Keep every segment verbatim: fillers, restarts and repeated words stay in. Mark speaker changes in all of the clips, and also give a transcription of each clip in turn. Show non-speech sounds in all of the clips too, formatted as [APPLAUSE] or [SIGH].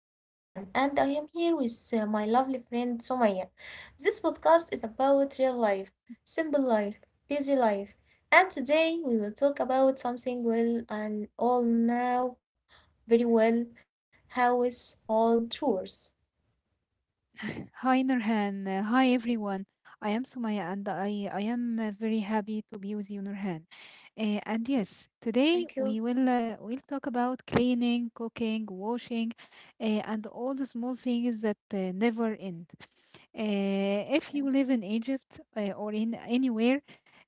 Speaker 1: I am Nurhan and I am here with uh, my lovely friend Sumaya. This podcast is about real life, simple life, busy life, and today we will talk about something well and all now very well how is all chores.
Speaker 2: Hi Nurhan. Uh, Hi everyone. I am Sumaya and I, I am uh, very happy to be with you, Nurhan. Uh, and yes,
Speaker 1: Thank
Speaker 2: today
Speaker 1: you.
Speaker 2: we will uh, we'll talk about cleaning, cooking, washing, uh, and all the small things that uh, never end. Uh, if you live
Speaker 1: Yes.
Speaker 2: in Egypt uh, or in anywhere,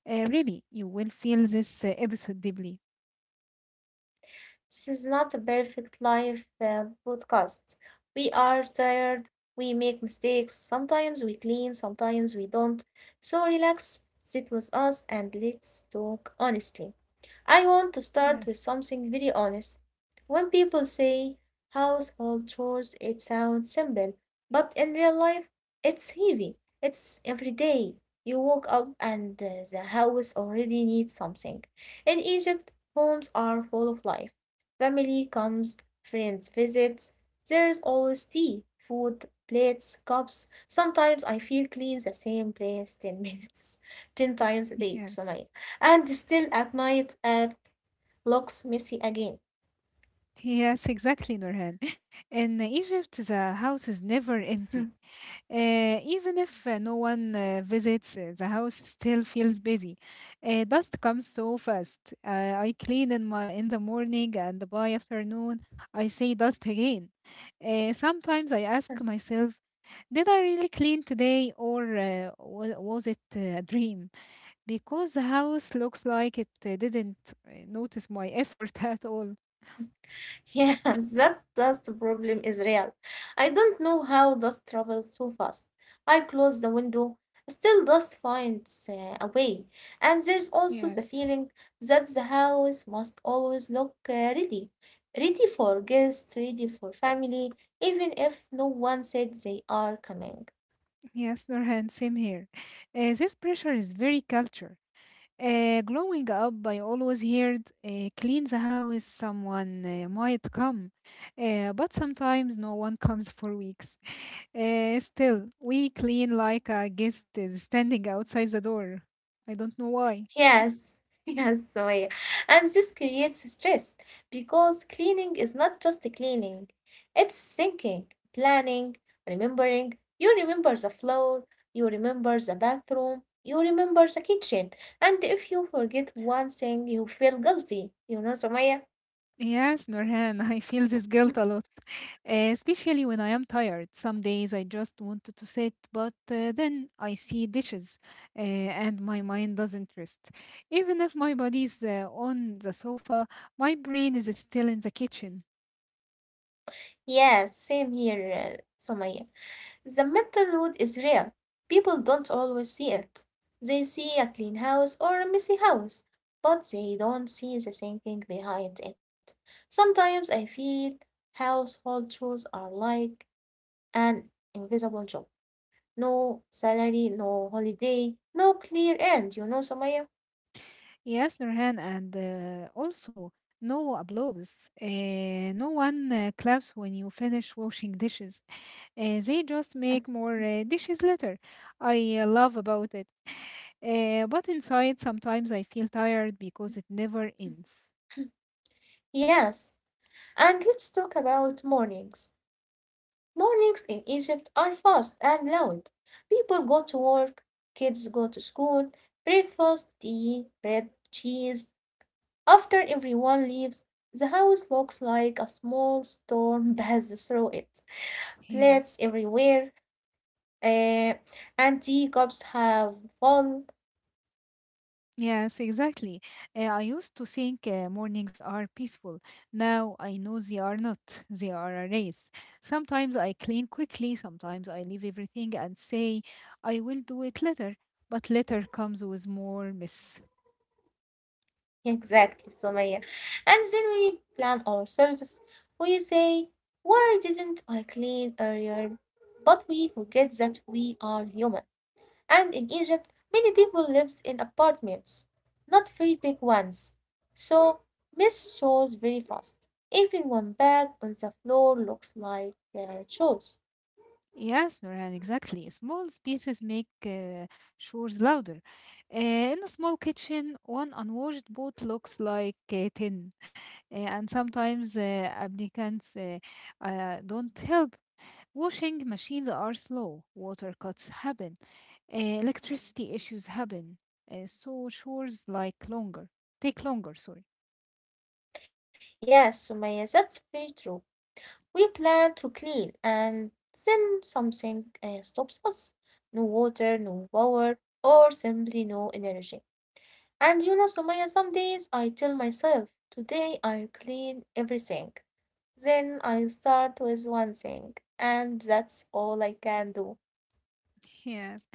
Speaker 2: uh, really, you will feel this uh, episode deeply.
Speaker 1: This is not a perfect life uh, podcast. We are tired, we make mistakes, sometimes we clean, sometimes we don't. So relax, sit with us, and let's talk honestly. I want to start with
Speaker 2: Yes,
Speaker 1: something very honest. When people say household chores, it sounds simple, but in real life, it's heavy. It's every day. You woke up and uh, the house already needs something. In Egypt, homes are full of life. Family comes, friends visits. There is always tea, food, plates, cups. Sometimes I feel clean the same place ten minutes, [LAUGHS] ten times a day,
Speaker 2: yes,
Speaker 1: so. And still at night, it looks messy again. [LAUGHS]
Speaker 2: yes, exactly, Nurhan. [LAUGHS] In Egypt, the house is never empty. Uh, even if uh, no one uh, visits, uh, the house still feels busy. Uh, dust comes so fast. Uh, I clean in my in the morning, and by afternoon, I see dust again. Uh, sometimes I ask
Speaker 1: Yes.
Speaker 2: myself, did I really clean today, or uh, wa- was it uh, a dream? Because the house looks like it uh, didn't uh, notice my effort [LAUGHS] at all.
Speaker 1: Yeah, [LAUGHS] that dust problem is real. I don't know how dust travels so fast. I close the window, still dust finds uh, a way. And there's also the
Speaker 2: Yes,
Speaker 1: feeling that the house must always look uh, ready. Ready for guests, ready for family, even if no one said they are coming.
Speaker 2: yes, Nurhan, same here. Uh, this pressure is very culture. Uh, growing up, I always heard, uh, clean the house, someone uh, might come. Uh, but sometimes no one comes for weeks. Uh, still, we clean like a guest is standing outside the door. I don't know why.
Speaker 1: Yes, [LAUGHS] yes, Sumaya. And this creates stress because cleaning is not just cleaning, it's thinking, planning, remembering. You remember the floor, you remember the bathroom, you remember the kitchen. And if you forget one thing, you feel guilty, you know, Somaya.
Speaker 2: Yes, Nurhan, [LAUGHS] I feel this guilt a
Speaker 1: [LAUGHS]
Speaker 2: lot, uh, especially when I am tired. Some days I just wanted to sit, but uh, then I see dishes uh, and my mind doesn't rest. Even if my body's uh, on the sofa, my brain is still in the kitchen.
Speaker 1: Yes, same here, uh, Sumaya. The mental load is real. People don't always see it. They see a clean house or a messy house, but they don't see the thinking behind it. Sometimes I feel household chores are like an invisible job. No salary, no holiday, no clear end, you know, Somaya?
Speaker 2: Yes, Nurhan, and uh, also no applause. Uh, no one uh, claps when you finish washing dishes. Uh, they just make
Speaker 1: Yes.
Speaker 2: more uh, dishes later. I uh, love about it. Uh, but inside, sometimes I feel tired because it never ends.
Speaker 1: Yes. And let's talk about mornings. Mornings in Egypt are fast and loud. People go to work, kids go to school, breakfast, tea, bread, cheese. After everyone leaves, the house looks like a small storm [LAUGHS] passed through it. Plates
Speaker 2: Yes,
Speaker 1: everywhere, uh, and teacups have fallen. [LAUGHS]
Speaker 2: yes, exactly. Uh, I used to think uh, mornings are peaceful. Now I know they are not. [LAUGHS] They are a race. Sometimes I clean quickly, sometimes I leave everything and say, I will do it later. But later comes with more mess.
Speaker 1: Exactly, Sumaya. And then we plan ourselves. We say, why didn't I clean earlier? But we forget that we are human. And in Egypt many people lives in apartments, not very big ones, so mist shows very fast. Even one bag on the floor looks like uh, shoes.
Speaker 2: Yes, Nurhan, exactly. Small spaces make uh, chores louder. Uh, in a small kitchen, one unwashed boat looks like uh, ten. Uh, and sometimes uh, applicants uh, uh, don't help. Washing machines are slow, water cuts happen, uh, electricity issues happen, uh, so chores like longer take longer. Sorry. [LAUGHS]
Speaker 1: Yes, Sumaya, that's very true. We plan to clean and then something uh, stops us. No water, no power, or simply no energy. And you know, Sumaya, some days I tell myself, today I clean everything. Then I start with one thing, and that's all I can do.
Speaker 2: Yes,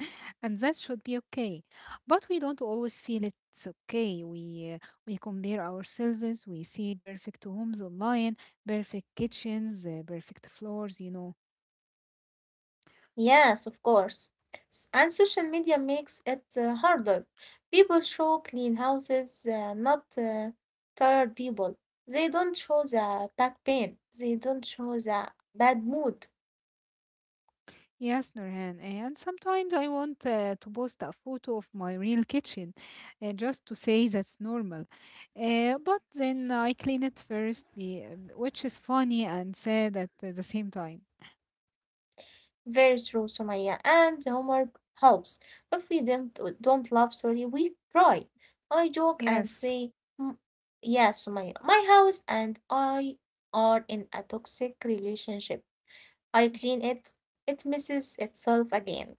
Speaker 2: and that should be okay, but we don't always feel it's okay. We uh, we compare ourselves. We see perfect homes online, perfect kitchens, uh, perfect floors. You know.
Speaker 1: Yes, of course. S- And social media makes it uh, harder. People show clean houses, uh, not uh, tired people. They don't show the back pain. They don't show the bad mood.
Speaker 2: Yes, Nurhan, and sometimes I want uh, to post a photo of my real kitchen uh, just to say that's normal. Uh, but then I clean it first, be- um, which is funny and sad at the same time.
Speaker 1: Very true, Sumaya. And humor helps. If we don't don't laugh, sorry, we cry. I joke and
Speaker 2: Yes,
Speaker 1: say, "Mm, yes, Sumaya. My house and I are in a toxic relationship. I clean it. It misses itself again."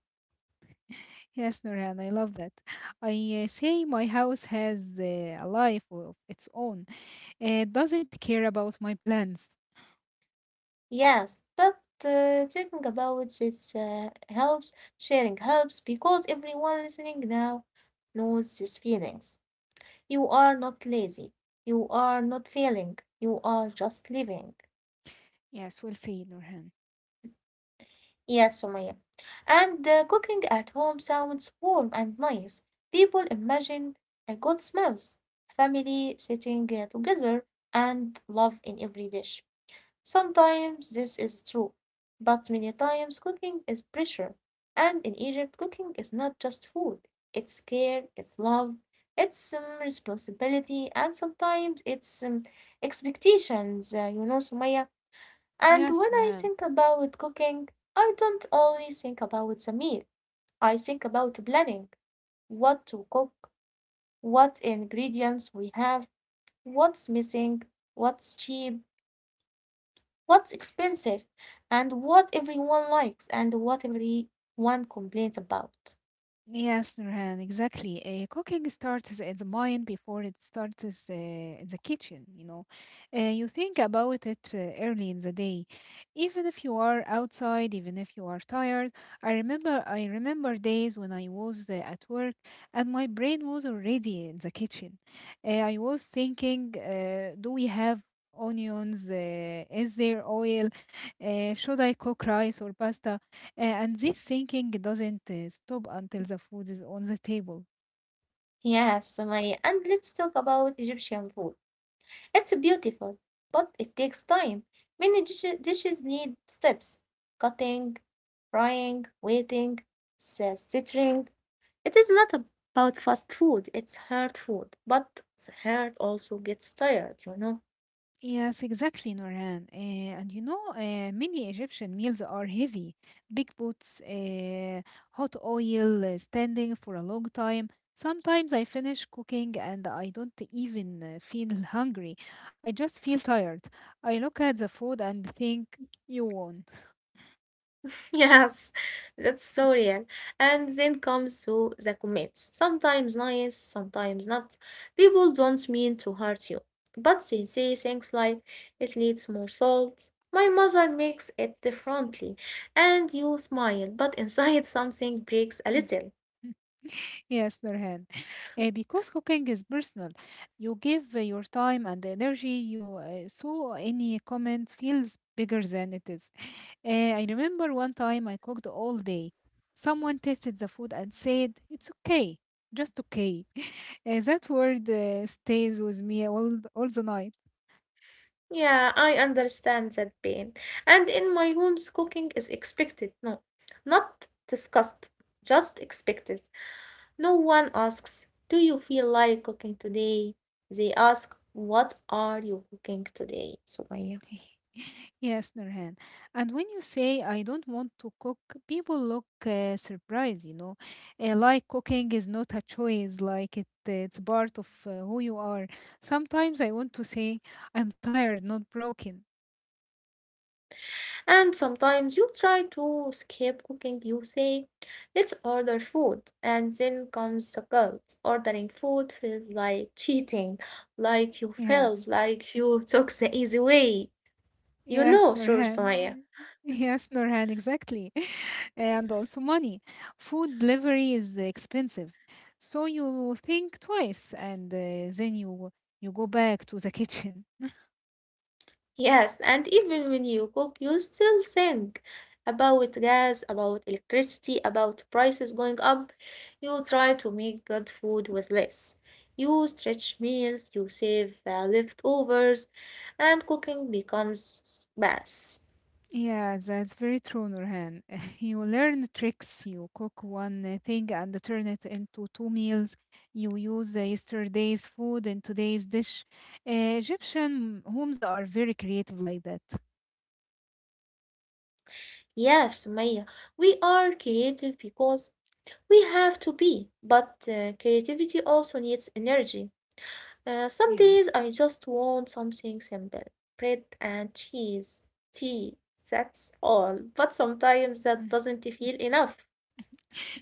Speaker 2: yes, Nurhan, I love that. I uh, say my house has uh, a life of its own. It doesn't care about my plans.
Speaker 1: Yes, but uh, talking about this uh, helps. Sharing helps because everyone listening now knows these feelings. You are not lazy. You are not failing. You are just living.
Speaker 2: Yes, we'll see, Nurhan.
Speaker 1: Yes, Sumaya. And uh, cooking at home sounds warm and nice. People imagine a good smells, family sitting uh, together, and love in every dish. Sometimes this is true, but many times cooking is pressure, and in Egypt cooking is not just food, it's care, it's love, it's um, responsibility, and sometimes it's um, expectations, uh, you know, Sumaya. And
Speaker 2: Yes,
Speaker 1: when I
Speaker 2: Nurhan.
Speaker 1: think about cooking, I don't only think about the meal, I think about planning what to cook, what ingredients we have, what's missing, what's cheap what's expensive and what everyone likes and what everyone complains about.
Speaker 2: Yes, Nurhan, exactly. Uh, cooking starts in the mind before it starts uh, in the kitchen, you know. Uh, you think about it uh, early in the day. Even if you are outside, even if you are tired, I remember I remember days when I was uh, at work and my brain was already in the kitchen. Uh, I was thinking, uh, do we have onions? Uh, is there oil? Uh, should I cook rice or pasta? Uh, and this thinking doesn't uh, stop until the food is on the table.
Speaker 1: Yes, Sumaya, and let's talk about Egyptian food. It's beautiful, but it takes time. Many dish- dishes need steps cutting, frying, waiting, s- simmering. It is not about fast food, it's hard food, but the heart also gets tired, you know.
Speaker 2: Yes, exactly, Noran. Uh, and you know, uh, many Egyptian meals are heavy. Big pots, uh, hot oil, uh, standing for a long time. Sometimes I finish cooking and I don't even uh, feel [LAUGHS] hungry. I just feel tired. I look at the food and think, you won.
Speaker 1: Yes, [LAUGHS] that's so real.
Speaker 2: [LAUGHS]
Speaker 1: And then comes to the comments. Sometimes nice, sometimes not. People don't mean to hurt you, but they say things like, it needs more salt. My mother makes it differently. And you smile, but [LAUGHS] inside something breaks a little.
Speaker 2: Yes, Nurhan. Uh, because cooking is personal, you give uh, your time and energy. You uh, So any comment feels bigger than it is. Uh, I remember one time I cooked all day. Someone tasted the food and said, "It's okay, just okay." [LAUGHS] Uh, that word uh, stays with me all all the night.
Speaker 1: Yeah, I understand that pain. And in my homes, cooking is expected. No, not discussed, just expected. No one asks, do you feel like cooking today? They ask, what are you cooking today? Sumaya.
Speaker 2: [LAUGHS] Yes, Nurhan. And when you say I don't want to cook, people look uh, surprised, you know, uh, like cooking is not a choice, like it it's part of uh, who you are. Sometimes I want to say I'm tired, not broken.
Speaker 1: And sometimes you try to skip cooking. You say, let's order food. And then comes the guilt. Ordering food feels like cheating, like you failed,
Speaker 2: Yes.
Speaker 1: like you [LAUGHS] took the easy way. You
Speaker 2: Yes,
Speaker 1: know, sure, Sumaya.
Speaker 2: Nurhan. [LAUGHS] Yes, Nurhan, exactly. [LAUGHS] And also money. Food delivery is expensive. So you think twice and uh, then you you go back to the [LAUGHS] kitchen.
Speaker 1: Yes, and even when you cook, you still think about gas, about electricity, about prices going up. You try to make good food with less. You stretch meals, you save uh, leftovers, and cooking becomes mass.
Speaker 2: Yeah, that's very true, Nurhan. [LAUGHS] You learn tricks. You cook one uh, thing and turn it into two meals. You use the yesterday's food in today's dish. Uh, Egyptian homes are very creative like that.
Speaker 1: Yes, Maya, we are creative because we have to be, but uh, creativity also needs energy. Uh, some days
Speaker 2: Yes.
Speaker 1: I just want something simple bread and cheese, tea, that's all. But sometimes that
Speaker 2: Mm.
Speaker 1: doesn't feel enough.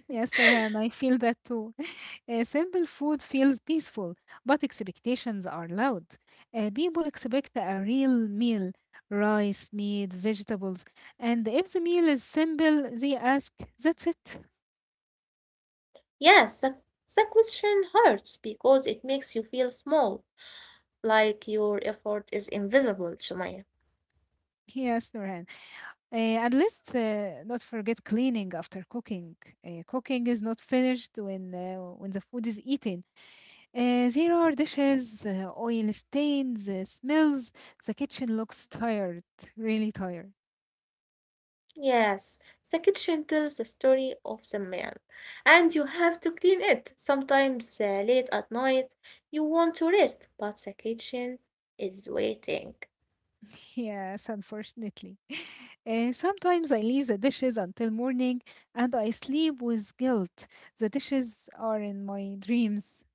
Speaker 2: Yes, Nurhan, I feel that too. [LAUGHS] Uh, simple food feels peaceful, but expectations are loud. Uh, people expect a real meal, rice, meat, vegetables. And if the meal is simple, they ask, that's it.
Speaker 1: Yes, the, the question hurts because it makes you feel small, like your effort is invisible, Sumaya.
Speaker 2: Yes, Nurhan. Uh, and let's uh, not forget cleaning after cooking. Uh, cooking is not finished when, uh, when the food is eaten. Uh, there are dishes, uh, oil stains, uh, smells. The kitchen looks tired, really tired.
Speaker 1: Yes, the kitchen tells the story of the meal, and you have to clean it. Sometimes uh, late at night, you want to rest, but the kitchen is waiting.
Speaker 2: Yes, unfortunately. [LAUGHS] Uh, sometimes I leave the dishes until morning and I sleep with guilt. The dishes are in my dreams.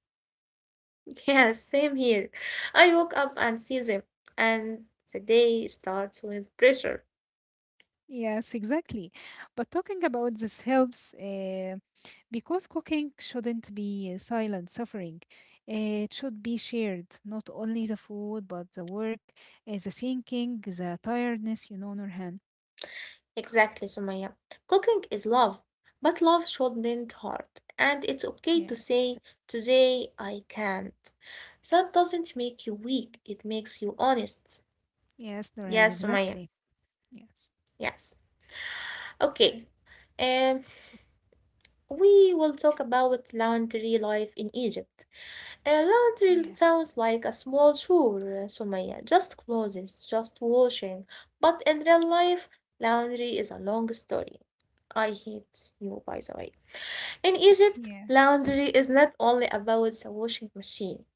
Speaker 1: Yes, same here. I woke up and see them, and the day starts with pressure.
Speaker 2: Yes, exactly. But talking about this helps uh, because cooking shouldn't be silent suffering. Uh, It should be shared, not only the food, but the work, uh, the thinking, the tiredness, you know, Nurhan.
Speaker 1: Exactly, Sumaya. Cooking is love, but love shouldn't hurt, and it's okay to say,
Speaker 2: Yes,
Speaker 1: today I can't. That doesn't make you weak, it makes you honest.
Speaker 2: yes, Nurhan,
Speaker 1: Yes, Sumaya.
Speaker 2: exactly. Yes,
Speaker 1: Yes. Okay. Um, we will talk about laundry life in Egypt. Uh, laundry sounds
Speaker 2: yes,
Speaker 1: like a small chore, uh, Sumaya, just clothes, just washing. But in real life, laundry is a long story. I hate you, by the way. In Egypt,
Speaker 2: yes.
Speaker 1: laundry is not only about the washing machine,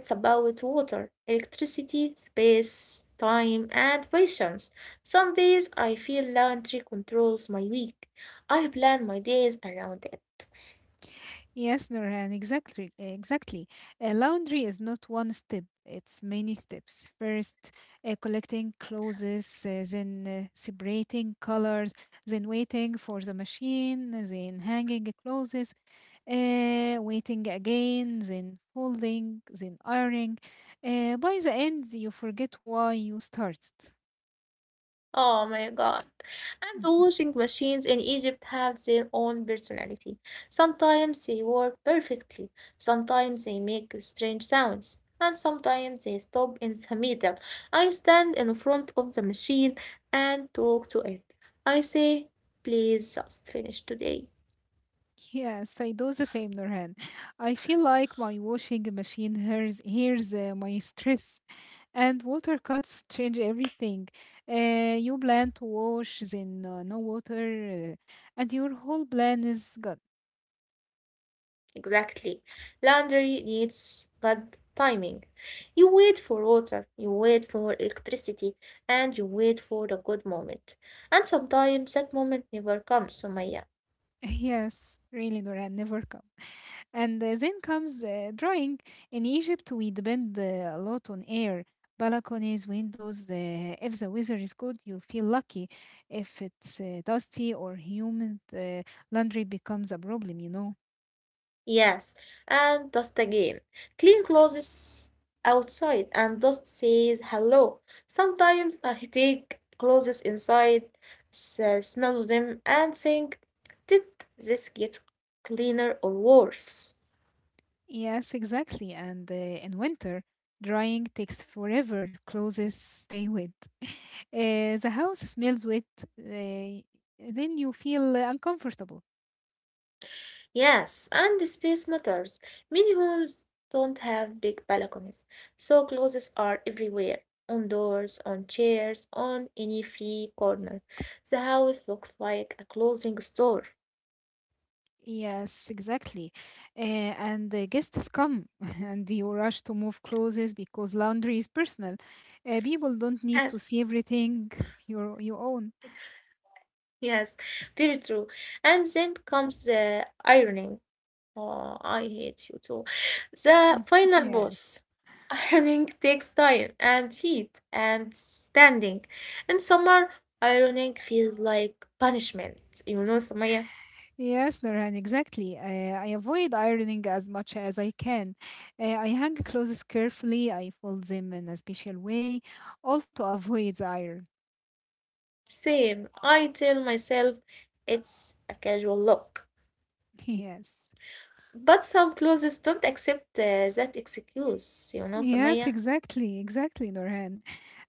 Speaker 1: it's about water, electricity, space, time, and patience. Some days I feel laundry controls my week. I plan my days around
Speaker 2: Yes, Nurhan, exactly, exactly. Uh, laundry is not one step; it's many steps. First, uh, collecting clothes,
Speaker 1: it.
Speaker 2: uh, then uh, separating colors, then waiting for the machine, then hanging clothes, uh, waiting again, then folding, then ironing. Uh, by the end, you forget why you started.
Speaker 1: Oh my God. And the washing machines in Egypt have their own personality. Sometimes they work perfectly,
Speaker 2: [LAUGHS]
Speaker 1: sometimes they make strange sounds, and sometimes they stop in the middle. I stand in front of the machine and talk to it. I say, please just finish today.
Speaker 2: Yes, I do the same, Nurhan. I feel like my washing machine hears hears uh, my stress, and water cuts change everything. Uh, you plan to wash, then uh, no water, uh, and your whole plan is gone.
Speaker 1: Exactly. Laundry needs good timing. You wait for water, you wait for electricity, and you wait for the good moment. And sometimes that moment never comes, Sumaya.
Speaker 2: [LAUGHS] Yes, really, Nurhan, never come. And uh, then comes uh, drying. In Egypt, we depend uh, a lot on air, balconies, windows. Uh, if the weather is good, you feel lucky. If it's uh, dusty or humid, uh, laundry becomes a problem, you know.
Speaker 1: Yes, and dust again. Clean clothes outside, and dust says hello. Sometimes I take clothes inside, s- smell them, and think, did this get cleaner or worse?
Speaker 2: Yes, exactly. And uh, in winter, drying takes forever. Clothes stay wet. [LAUGHS] Uh, the house smells wet. Uh, then you feel uh, uncomfortable.
Speaker 1: Yes, and the space matters. Many homes don't have big balconies, so clothes are everywhere, on doors, on chairs, on any free corner. The house looks like a clothing store.
Speaker 2: Yes, exactly. Uh, and the guests come [LAUGHS] and you rush to move clothes because laundry is personal. Uh, people don't
Speaker 1: [LAUGHS]
Speaker 2: need to
Speaker 1: Yes,
Speaker 2: see everything [LAUGHS] you you own.
Speaker 1: yes, very true. And then comes the ironing. Oh, I hate you too. The
Speaker 2: Mhm.
Speaker 1: final boss.
Speaker 2: Yes.
Speaker 1: Ironing takes time and heat and standing. In summer, ironing feels like punishment. You know, Samaya?
Speaker 2: Yes, Norhan, exactly. Uh, I avoid ironing as much as I can. Uh, I hang clothes carefully, I fold them in a special way, all to avoid the iron.
Speaker 1: Same. I tell myself it's a casual look.
Speaker 2: [LAUGHS] Yes.
Speaker 1: But some clothes don't accept uh, that excuse, you know,
Speaker 2: Yes,
Speaker 1: Samaya?
Speaker 2: exactly, exactly, Norhan.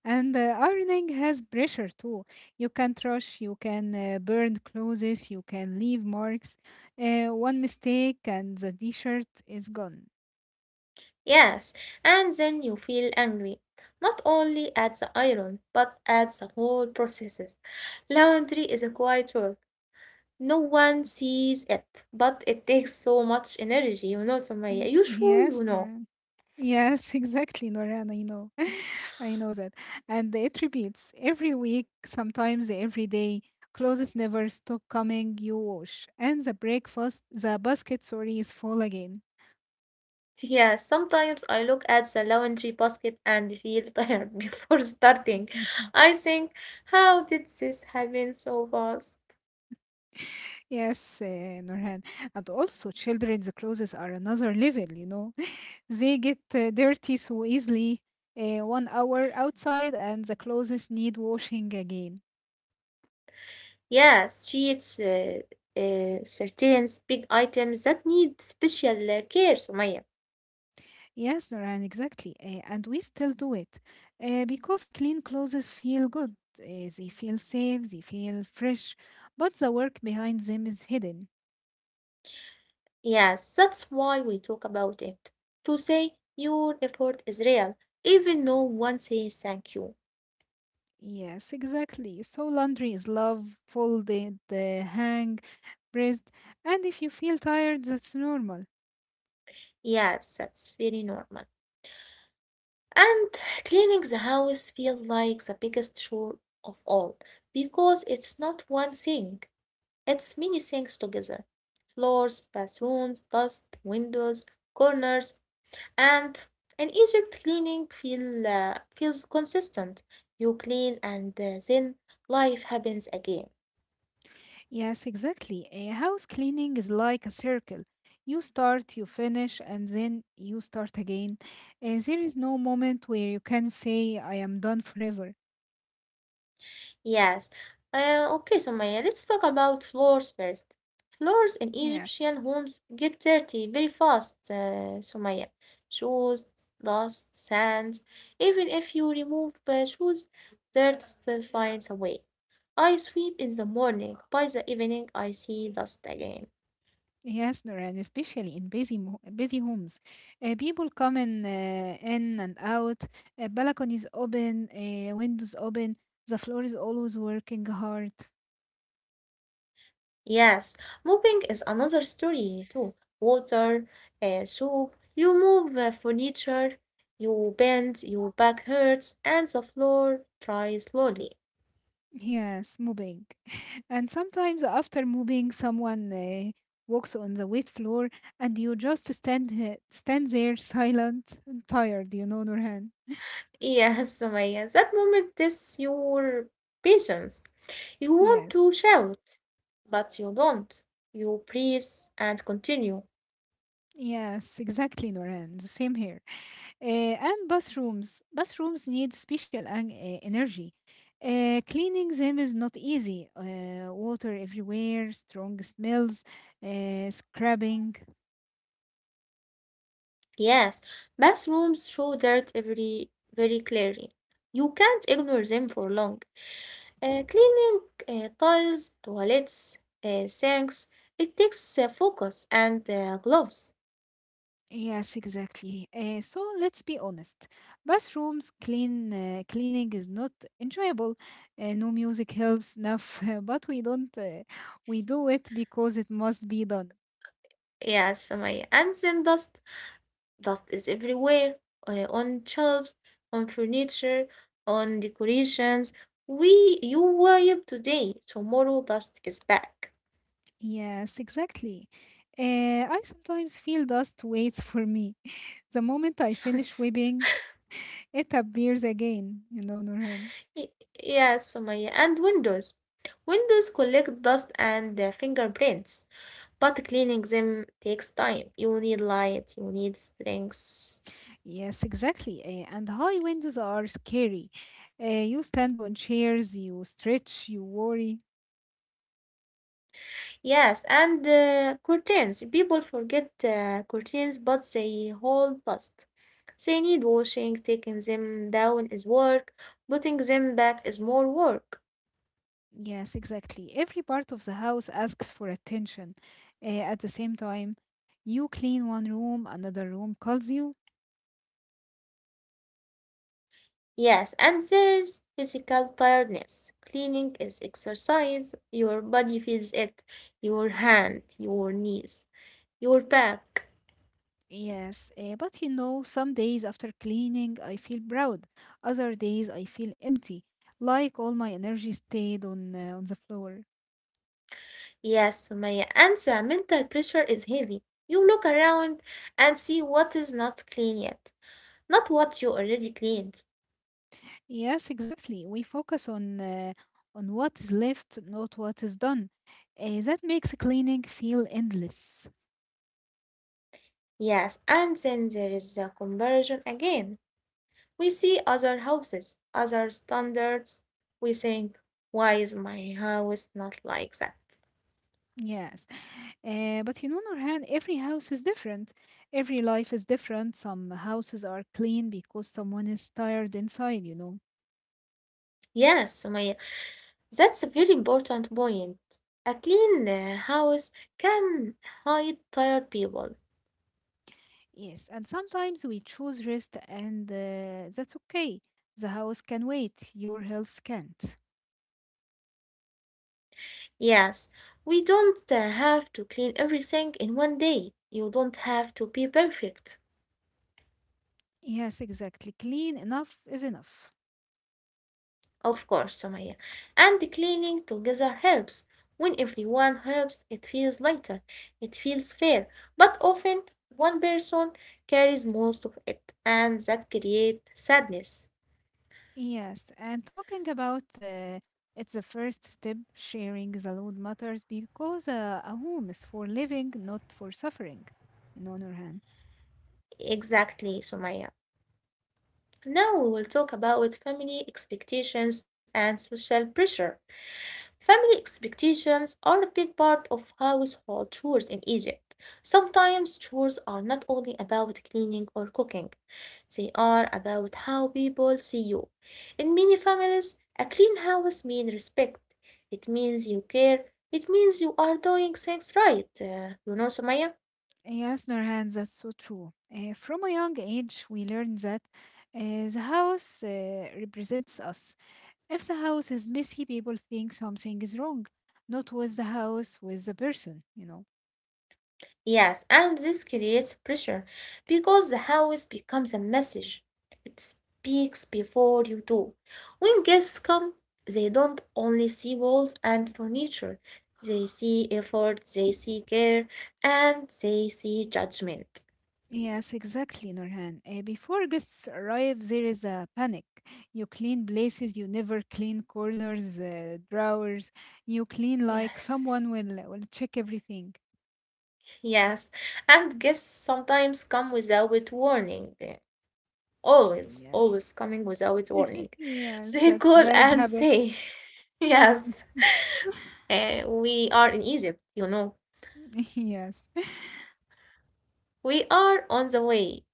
Speaker 2: And uh, ironing has pressure too. You can't rush, you can uh, burn clothes, you can leave marks. Uh, one mistake and the t shirt is gone.
Speaker 1: Yes. And then you feel angry. Not only at the iron, but at the whole processes. Laundry is a quiet work. No one sees it, but it takes so much energy, you know, Sumaya.
Speaker 2: Y-
Speaker 1: You sure you
Speaker 2: Yes,
Speaker 1: know?
Speaker 2: Noran. Yes, [LAUGHS] exactly, Noran. I know. [LAUGHS] I know that. And it repeats every week, sometimes every day. Clothes never stop coming, you wash. And the breakfast, the basket, sorry, is full again.
Speaker 1: [LAUGHS] Yeah, sometimes I look at the laundry basket and feel [LAUGHS] tired before starting.
Speaker 2: [LAUGHS]
Speaker 1: I think, how did this happen so fast?
Speaker 2: Yes, uh, Nurhan. And also, children's clothes are another level, you know. [LAUGHS] They get uh, dirty so easily. Uh, one hour outside, and the clothes need washing again.
Speaker 1: Yes, sheets, uh, uh, curtains, big items that need special uh, care, Sumaya.
Speaker 2: Yes, Nurhan, exactly. Uh, and we still do it uh, because clean clothes feel good. Uh, they feel safe, they feel fresh, but the work behind them is hidden.
Speaker 1: Yes, that's why we talk about it. To say your effort is real, even no one says thank you.
Speaker 2: Yes, exactly. So laundry is love, folded, uh, hang, pressed, and if you feel tired, that's normal.
Speaker 1: Yes, that's very normal. And cleaning the house feels like the biggest chore of all because it's not one thing, it's many things together floors, bathrooms, dust, windows, corners. And in Egypt, cleaning feel, uh, feels consistent. You clean and uh, then life happens again.
Speaker 2: Yes, exactly. A house cleaning is like a circle. You start, you finish, and then you start again. Uh, there is no moment where you can say, I am done forever.
Speaker 1: Yes. Uh, okay, Sumaya, let's talk about floors first. Floors in
Speaker 2: Yes.
Speaker 1: Egyptian homes get dirty very fast, uh, Sumaya. Shoes, dust, sand. Even if you remove uh, shoes, dirt still finds a way. I sweep in the morning. By the evening, I see dust again.
Speaker 2: Yes, Nora, and especially in busy mo- busy homes, uh, people come in, uh, in and out. Uh, balconies open, uh, windows open. The floor is always working hard.
Speaker 1: Yes, moving is another story too. Water, uh, soap, you move uh, furniture, you bend, your back hurts, and the floor dries slowly.
Speaker 2: Yes, moving, [LAUGHS] and sometimes after moving, someone uh, walks on the wet floor, and you just stand uh, stand there, silent, and tired. You know, Nurhan.
Speaker 1: [LAUGHS] Yes, Sumaya, that moment tests your patience. You want
Speaker 2: Yes,
Speaker 1: to shout, but you don't. You breathe and continue.
Speaker 2: yes, exactly, Nurhan. The same here. Uh, and bathrooms. Bathrooms need special en- uh, energy. Uh, cleaning them is not easy. Uh, water everywhere, strong smells, uh, scrubbing.
Speaker 1: Yes, bathrooms show dirt every very clearly. You can't ignore them for long. Uh, cleaning uh, tiles, toilets, uh, sinks, it takes uh, focus and uh, gloves.
Speaker 2: Yes, exactly. Uh, so let's be honest. Bathrooms clean uh, cleaning is not enjoyable. Uh, no music helps enough, [LAUGHS] but we don't. Uh, we do it because it must be done.
Speaker 1: Yes, Samaya. And then dust. Dust is everywhere uh, on shelves, on furniture, on decorations. We, you wipe today, tomorrow dust is back.
Speaker 2: Yes, exactly. Uh, I sometimes feel dust waits for me. The moment I
Speaker 1: [LAUGHS]
Speaker 2: finish
Speaker 1: yes,
Speaker 2: weeping, it appears again, you know, Nurhan.
Speaker 1: Y- yes, Samaya. And windows. Windows collect dust and uh, fingerprints, but cleaning them takes time. You need light, you need strength.
Speaker 2: Yes, exactly. Eh, and high windows are scary. Eh, you stand on chairs, you stretch, you worry.
Speaker 1: Yes, and uh, curtains. People forget uh, curtains, but they hold past. They need washing, taking them down is work, putting them back is more work.
Speaker 2: Yes, exactly. Every part of the house asks for attention. Eh, at the same time, you clean one room, another room calls you.
Speaker 1: Yes, and there's physical tiredness. Cleaning is exercise. Your body feels it. Your hand, your knees, your back.
Speaker 2: Yes, eh, but you know, some days after cleaning, I feel proud. Other days, I feel empty, like all my energy stayed on, uh, on the floor.
Speaker 1: Yes, Sumaya. And the mental pressure is heavy. You look around and see what is not clean yet, not what you already cleaned.
Speaker 2: Yes, exactly. We focus on uh, on what is left, not what is done. Uh, that makes cleaning feel endless.
Speaker 1: Yes, and then there is the comparison again. We see other houses, other standards. We think, why is my house not like that?
Speaker 2: Yes. Uh, but you know, Nurhan, every house is different. Every life is different. Some houses are clean because someone is tired inside, you know.
Speaker 1: Yes, Sumaya, that's a very important point. A clean uh, house can hide tired people.
Speaker 2: Yes. And sometimes we choose rest, and uh, that's okay. The house can wait, your health can't.
Speaker 1: Yes, we don't uh, have to clean everything in one day. You don't have to be perfect.
Speaker 2: Yes, exactly. Clean enough is enough.
Speaker 1: Of course, Sumaya. And cleaning together helps. When everyone helps, it feels lighter, it feels fair. But often, one person carries most of it, and that creates sadness.
Speaker 2: Yes, and talking about uh, it's the first step, sharing the load matters because uh, a home is for living, not for suffering. You know, Nurhan.
Speaker 1: Exactly, Sumaya. Now we will talk about family expectations and social pressure. Family expectations are a big part of household chores in Egypt. Sometimes chores are not only about cleaning or cooking, they are about how people see you. In many families, a clean house means respect, it means you care, it means you are doing things right. Uh, you know, Sumaya?
Speaker 2: Yes, Nurhan, that's so true. Uh, from a young age, we learn that uh, the house uh, represents us. If the house is messy, people think something is wrong, not with the house, with the person, you know.
Speaker 1: Yes, and this creates pressure because the house becomes a message. It speaks before you do. When guests come, they don't only see walls and furniture, they see effort, they see care, and they see judgment.
Speaker 2: Yes, exactly, Nurhan. Uh, before guests arrive, there is a panic. You clean places you never clean, corners, uh, drawers. You clean like
Speaker 1: Yes,
Speaker 2: someone will will check everything.
Speaker 1: yes. And guests sometimes come without warning. They Always,
Speaker 2: Yes,
Speaker 1: always coming without
Speaker 2: [LAUGHS]
Speaker 1: warning. [LAUGHS]
Speaker 2: yes,
Speaker 1: They
Speaker 2: that's
Speaker 1: call
Speaker 2: bad
Speaker 1: and
Speaker 2: habit.
Speaker 1: say, [LAUGHS] yes,
Speaker 2: [LAUGHS]
Speaker 1: eh, we are in Egypt, you know.
Speaker 2: Yes,
Speaker 1: We are on the way,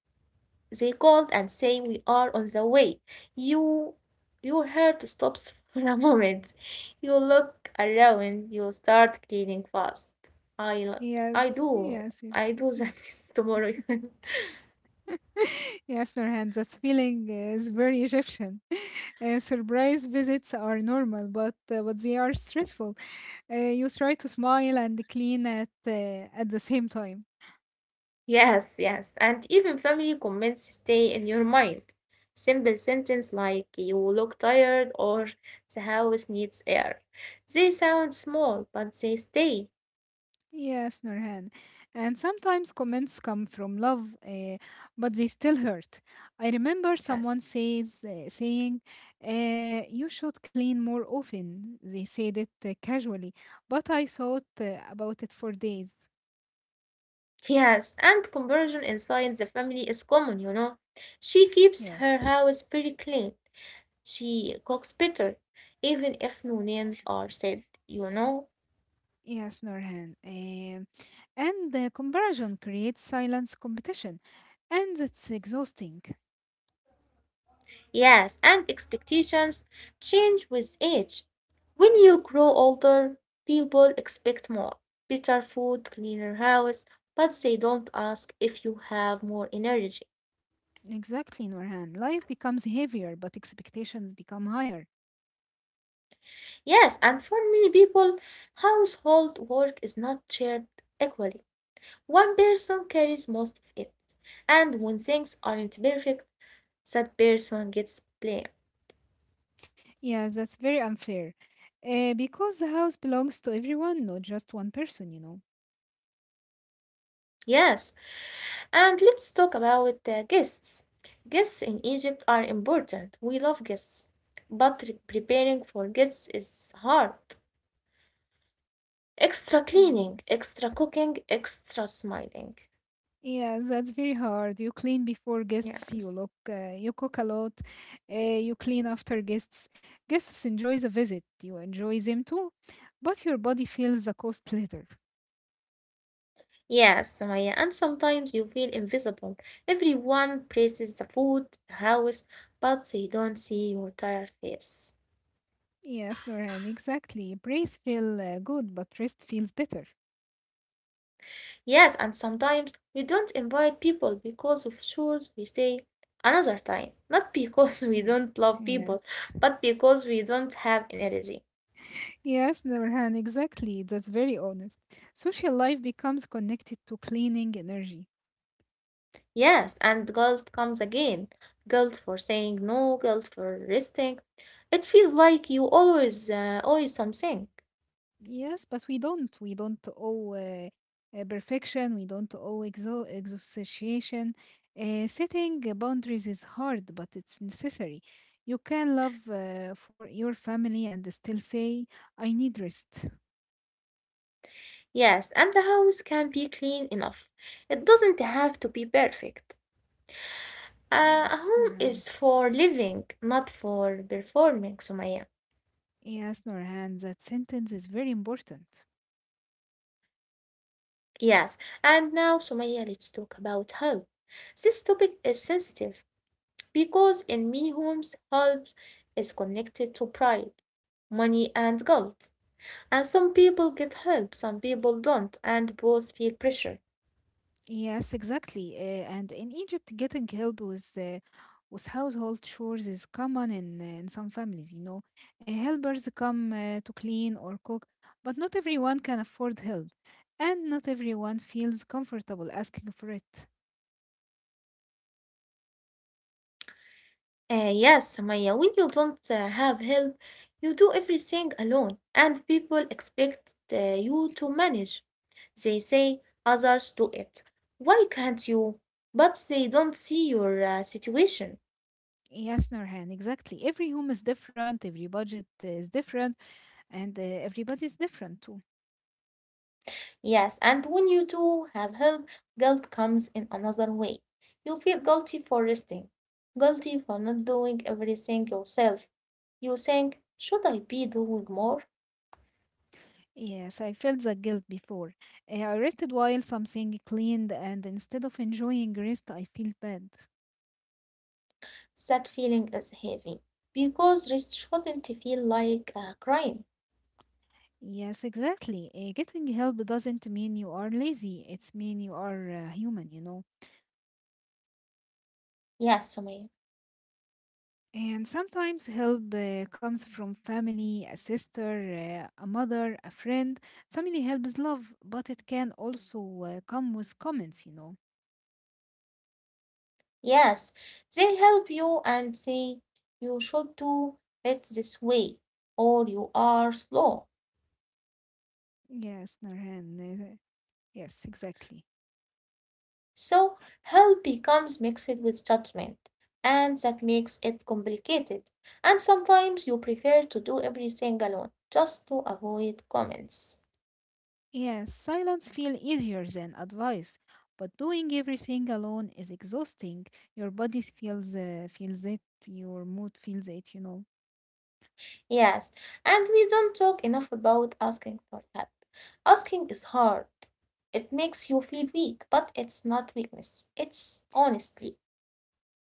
Speaker 1: they called and saying we are on the way. You your heart stops [LAUGHS] for a moment. You look around, you start cleaning fast. I, I
Speaker 2: yes,
Speaker 1: do
Speaker 2: yes. it-
Speaker 1: I do that [LAUGHS] tomorrow.
Speaker 2: [LAUGHS] Yes, Nurhan, that feeling is very Egyptian. [LAUGHS] Uh, surprise visits are normal, but uh, but they are stressful. Uh, you try to smile and clean at uh, at the same time.
Speaker 1: [LAUGHS] Yes, yes. And even family comments stay in your mind. Simple sentence like you look tired or the house needs air. They sound small, but they stay.
Speaker 2: Yes, Nurhan. And sometimes comments come from love, uh, but they still hurt. I remember someone
Speaker 1: Yes.
Speaker 2: says uh, saying, uh, "You should clean more often." They said it uh, casually, but I thought uh, about it for days.
Speaker 1: Yes, and conversion inside the family is common, you know. She keeps her
Speaker 2: Yes,
Speaker 1: house very clean. She cooks better, even if no names are said, you know.
Speaker 2: yes, Nurhan. Um and the comparison creates silence competition, and it's exhausting.
Speaker 1: Yes, and expectations change with age. When you grow older, people expect more better food, cleaner house, but they don't ask if you have more energy.
Speaker 2: Exactly, Nurhan. Life becomes heavier, but expectations become higher.
Speaker 1: Yes, and for many people, household work is not shared equally. One person carries most of it, and when things aren't perfect, that person gets blamed.
Speaker 2: Yeah, that's very unfair. Uh, because the house belongs to everyone, not just one person, you know.
Speaker 1: Yes, and let's talk about uh, guests. Guests in Egypt are important. We love guests, but re- preparing for guests is hard. Extra cleaning,
Speaker 2: Yes.
Speaker 1: extra cooking, extra smiling.
Speaker 2: Yeah, that's very hard. You clean before guests, you look,
Speaker 1: Yes.
Speaker 2: uh, you cook a lot, uh, you clean after guests. Guests enjoy the visit, you enjoy them too, but your body feels the cost later.
Speaker 1: Yes, Sumaya, and sometimes you feel invisible. Everyone praises the food, the house, but they don't see your tired face.
Speaker 2: Yes, Nurhan, exactly. Praise feel uh, good, but rest feels better.
Speaker 1: Yes, and sometimes we don't invite people because of chores. We say another time, not because [LAUGHS] we
Speaker 2: Yeah.
Speaker 1: don't love people,
Speaker 2: Yes.
Speaker 1: but because we don't have energy.
Speaker 2: Yes, Nurhan, exactly. That's very honest. Social life becomes connected to cleaning energy.
Speaker 1: Yes, and guilt comes again. Guilt for saying no, guilt for resting. It feels like you always uh, owe something.
Speaker 2: Yes, but we don't. We don't owe uh, uh, perfection. We don't owe exo exhaustion. Uh, setting uh, boundaries is hard, but it's necessary. You can love uh, for your family and still say, I need rest.
Speaker 1: Yes, and the house can be clean enough. It doesn't have to be perfect. Uh, a
Speaker 2: Yes,
Speaker 1: home
Speaker 2: Nurhan.
Speaker 1: is for living, not for performing, Sumaya.
Speaker 2: Yes, Nurhan, that sentence is very important.
Speaker 1: Yes, and now, Sumaya, let's talk about help. This topic is sensitive because in many homes, help is connected to pride, money, and guilt. And some people get help, some people don't, and both feel pressure.
Speaker 2: Yes, exactly. Uh, and in Egypt, getting help with uh, with household chores is common in uh, in some families. You know, uh, helpers come uh, to clean or cook, but not everyone can afford help, and not everyone feels comfortable asking for it.
Speaker 1: Uh, yes, Sumaya, when you don't uh, have help, you do everything alone, and people expect uh, you to manage. They say others do it. Why can't you? But they don't see your uh, situation.
Speaker 2: Yes, Norhan, exactly. Every home is different, every budget is different, and uh, everybody is different too.
Speaker 1: Yes, and when you do have help, guilt comes in another way. You feel guilty for resting, guilty for not doing everything yourself. You think, should I be doing more?
Speaker 2: Yes, I felt that guilt before. Uh, I rested while something cleaned, and instead of enjoying rest, I feel bad.
Speaker 1: That feeling is heavy because rest shouldn't feel like a crime.
Speaker 2: Yes, exactly. Uh, getting help doesn't mean you are lazy. It's mean you are uh, human, you know.
Speaker 1: Yes, Sumaya.
Speaker 2: And sometimes help uh, comes from family, a sister, uh, a mother, a friend. Family help is love, but it can also uh, come with comments, you know.
Speaker 1: Yes, they help you and say, you should do it this way, or you are slow.
Speaker 2: Yes, Nurhan. uh, yes, exactly.
Speaker 1: So help becomes mixed with judgment, and that makes it complicated. And sometimes you prefer to do everything alone just to avoid comments.
Speaker 2: Yes, silence feel easier than advice, but doing everything alone is exhausting. Your body feels uh, feels it, your mood feels it, you know.
Speaker 1: Yes, and we don't talk enough about asking for help. Asking is hard. It makes you feel weak, but it's not weakness, it's honesty.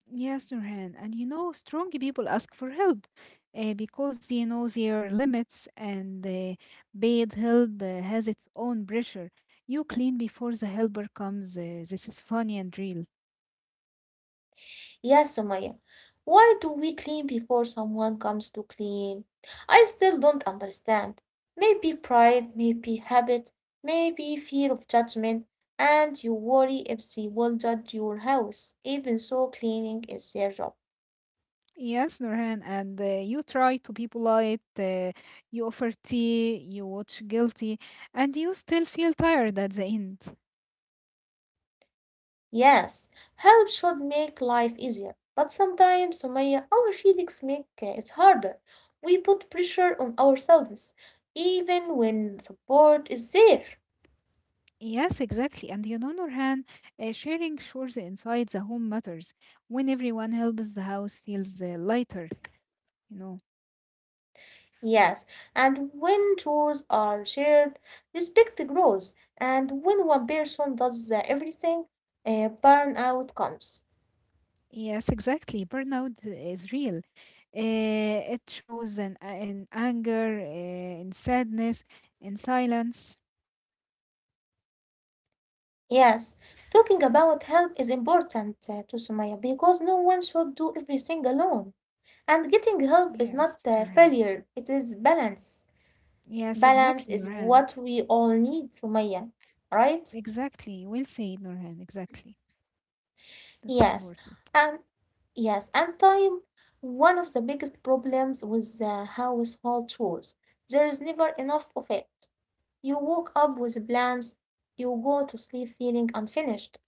Speaker 2: Yes, Nurhan. And you know, strong people ask for help uh, because they know their limits and uh, paid help uh, has its own pressure. You clean before the helper comes. Uh, this is funny and real.
Speaker 1: Yes, Sumaya. Why do we clean before someone comes to clean? I still don't understand. Maybe pride, maybe habit, maybe fear of judgment, and you worry if they will judge your house, even so cleaning is their job.
Speaker 2: Yes, Nurhan. And uh, you try to be polite, uh, you offer tea, you watch guilty, and you still feel tired at the end.
Speaker 1: Yes, help should make life easier, but sometimes, Sumaya, our feelings make uh, it harder. We put pressure on ourselves, even when support is there.
Speaker 2: Yes, exactly. And you know, Nurhan, uh, sharing chores inside the home matters. When everyone helps, the house feels uh, lighter. You know.
Speaker 1: Yes, and when chores are shared, respect grows, and when one person does uh, everything, uh, burnout comes.
Speaker 2: Yes, exactly, burnout is real. Uh, it shows in, in anger, uh, in sadness, in silence.
Speaker 1: Yes, talking about help is important uh, to Sumaya because no one should do everything alone. And getting help is not
Speaker 2: Yes,
Speaker 1: uh,
Speaker 2: Nurhan.
Speaker 1: failure, it is balance.
Speaker 2: Yes,
Speaker 1: Balance
Speaker 2: exactly,
Speaker 1: is
Speaker 2: Nurhan.
Speaker 1: what we all need, Sumaya, right?
Speaker 2: Exactly, well said, Nurhan. Exactly, that's
Speaker 1: Yes,
Speaker 2: important.
Speaker 1: and yes, and time, one of the biggest problems with the household chores. There is never enough of it. You woke up with plans, you go to sleep feeling unfinished.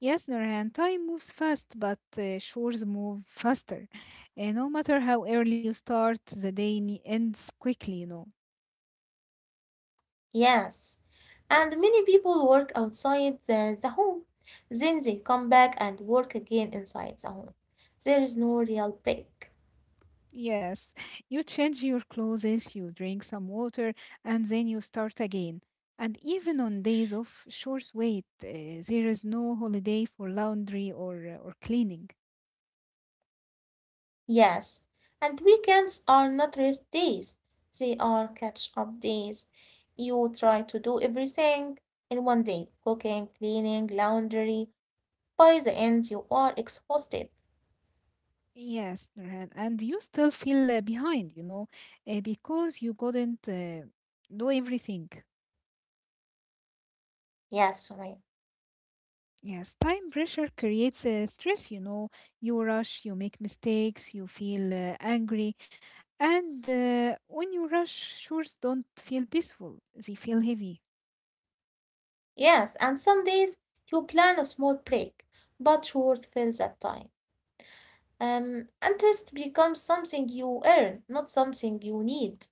Speaker 2: Yes, Nurhan. Time moves fast, but uh, shores move faster. Uh, no matter how early you start, the day ne- ends quickly, you know.
Speaker 1: Yes, and many people work outside the, the home. Then they come back and work again inside the home. There is no real break.
Speaker 2: Yes, you change your clothes, you drink some water, and then you start again. And even on days of short wait, uh, there is no holiday for laundry or uh, or cleaning.
Speaker 1: Yes, and weekends are not rest days, they are catch up days. You try to do everything in one day cooking, cleaning, laundry. By the end, you are exhausted.
Speaker 2: Yes, Nurhan, and you still feel uh, behind, you know, uh, because you couldn't uh, do everything.
Speaker 1: Yes, Sumaya.
Speaker 2: Yes, time pressure creates uh, stress, you know. You rush, you make mistakes, you feel uh, angry, And uh, when you rush, chores don't feel peaceful, they feel heavy.
Speaker 1: Yes, and some days you plan a small break, but short fills that time. Um, and rest becomes something you earn, not something you need.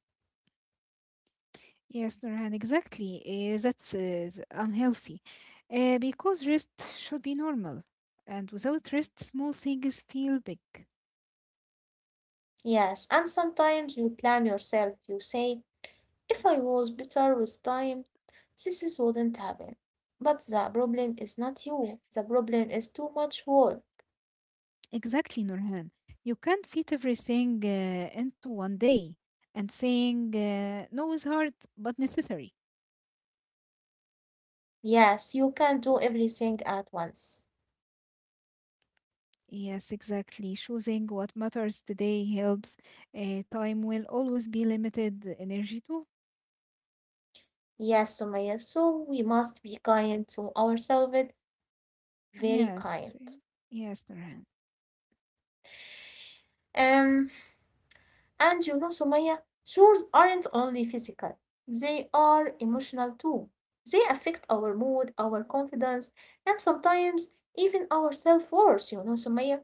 Speaker 2: Yes, Nurhan, exactly. Uh, that's uh, unhealthy. Uh, because rest should be normal. And without rest, small things feel big.
Speaker 1: Yes, and sometimes you plan yourself. You say, if I was better with time, this wouldn't happen. But the problem is not you. The problem is too much work.
Speaker 2: Exactly, Nurhan. You can't fit everything uh, into one day. And saying uh, no is hard, but necessary.
Speaker 1: Yes, you can't do everything at once.
Speaker 2: Yes, exactly. Choosing what matters today helps. Uh, time will always be limited, energy too.
Speaker 1: Yes, Sumaya, so we must be kind to ourselves, very
Speaker 2: Yes,
Speaker 1: kind.
Speaker 2: Fre- yes, Nurhan.
Speaker 1: Um, and you know, Sumaya, chores aren't only physical, they are emotional too. They affect our mood, our confidence, and sometimes even our self worth, you know, Sumaya.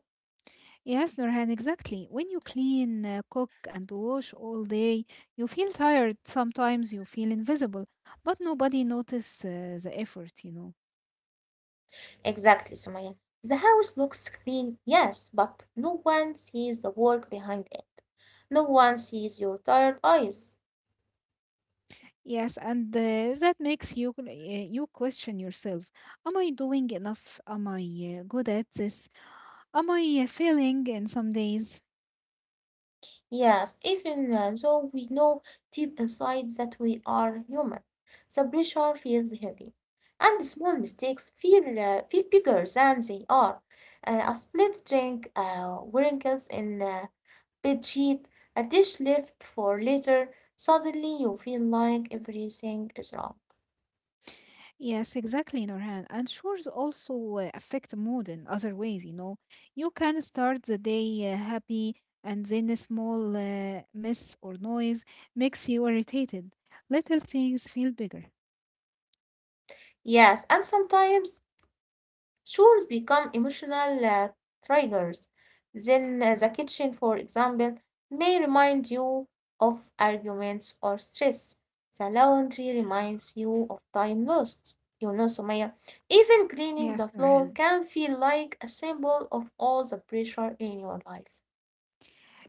Speaker 2: Yes, Nurhan, exactly. When you clean, uh, cook, and wash all day, you feel tired. Sometimes you feel invisible, but nobody notices uh, the effort, you know.
Speaker 1: Exactly, Sumaya. The house looks clean, yes, but no one sees the work behind it. No one sees your tired eyes.
Speaker 2: Yes, and uh, that makes you uh, you question yourself. Am I doing enough? Am I uh, good at this? Am I uh, failing in some days?
Speaker 1: Yes, even uh, though we know deep inside that we are human, the pressure feels heavy. And small mistakes feel, uh, feel bigger than they are. Uh, a split drink, uh, wrinkles in a bed sheet, a dish left for later, suddenly you feel like everything is wrong.
Speaker 2: Yes, exactly, Norhan. And chores also uh, affect mood in other ways, you know. You can start the day uh, happy, and then a small uh, mess or noise makes you irritated. Little things feel bigger.
Speaker 1: Yes, and sometimes chores become emotional uh, triggers. Then uh, the kitchen, for example, may remind you of arguments or stress. The laundry reminds you of time lost. You know, Sumaya, even cleaning the
Speaker 2: Yes,
Speaker 1: floor
Speaker 2: Norhan.
Speaker 1: can feel like a symbol of all the pressure in your life.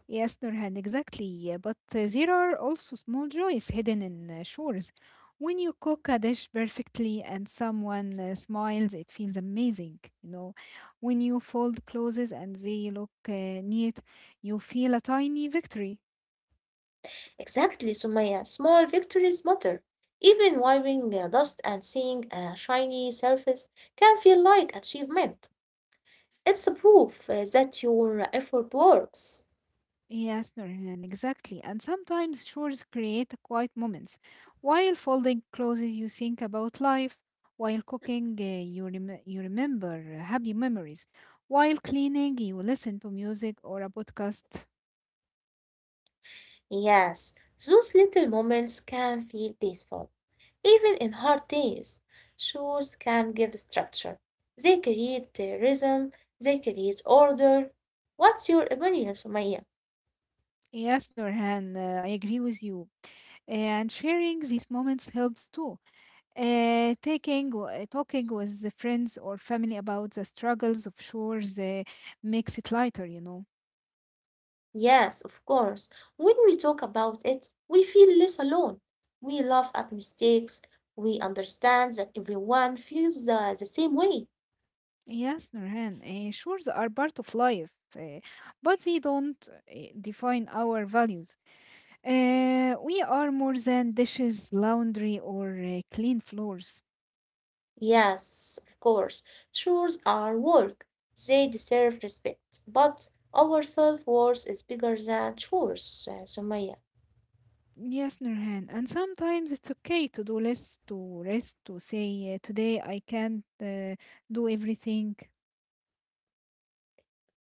Speaker 2: Yes, Nurhan, exactly. But uh, there are also small joys hidden in uh, chores. When you cook a dish perfectly and someone uh, smiles, it feels amazing. You know, when you fold clothes and they look uh, neat, you feel a tiny victory.
Speaker 1: Exactly, Sumaya. Small victories matter. Even wiping the dust and seeing a shiny surface can feel like achievement. It's a proof uh, that your effort works.
Speaker 2: Yes, Nurhan, exactly. And sometimes chores create quiet moments. While folding clothes, you think about life. While cooking, uh, you, rem- you remember uh, happy memories. While cleaning, you listen to music or a podcast.
Speaker 1: Yes, those little moments can feel peaceful, even in hard days. Shoes can give structure. They create uh, rhythm. They create order. What's your opinion, Sumaya?
Speaker 2: Yes, Nurhan, uh, I agree with you. And sharing these moments helps too. Uh, taking, uh, talking with the friends or family about the struggles of chores uh, makes it lighter, you know.
Speaker 1: Yes, of course. When we talk about it, we feel less alone. We laugh at mistakes. We understand that everyone feels uh, the same way.
Speaker 2: Yes, Nurhan, uh, shores are part of life, uh, but they don't uh, define our values. Uh, we are more than dishes, laundry, or uh, clean floors.
Speaker 1: Yes, of course. Chores are work. They deserve respect. But our self worth is bigger than chores, uh, Sumaya.
Speaker 2: Yes, Nurhan, and sometimes it's okay to do less, to rest, to say, uh, today I can't uh, do everything.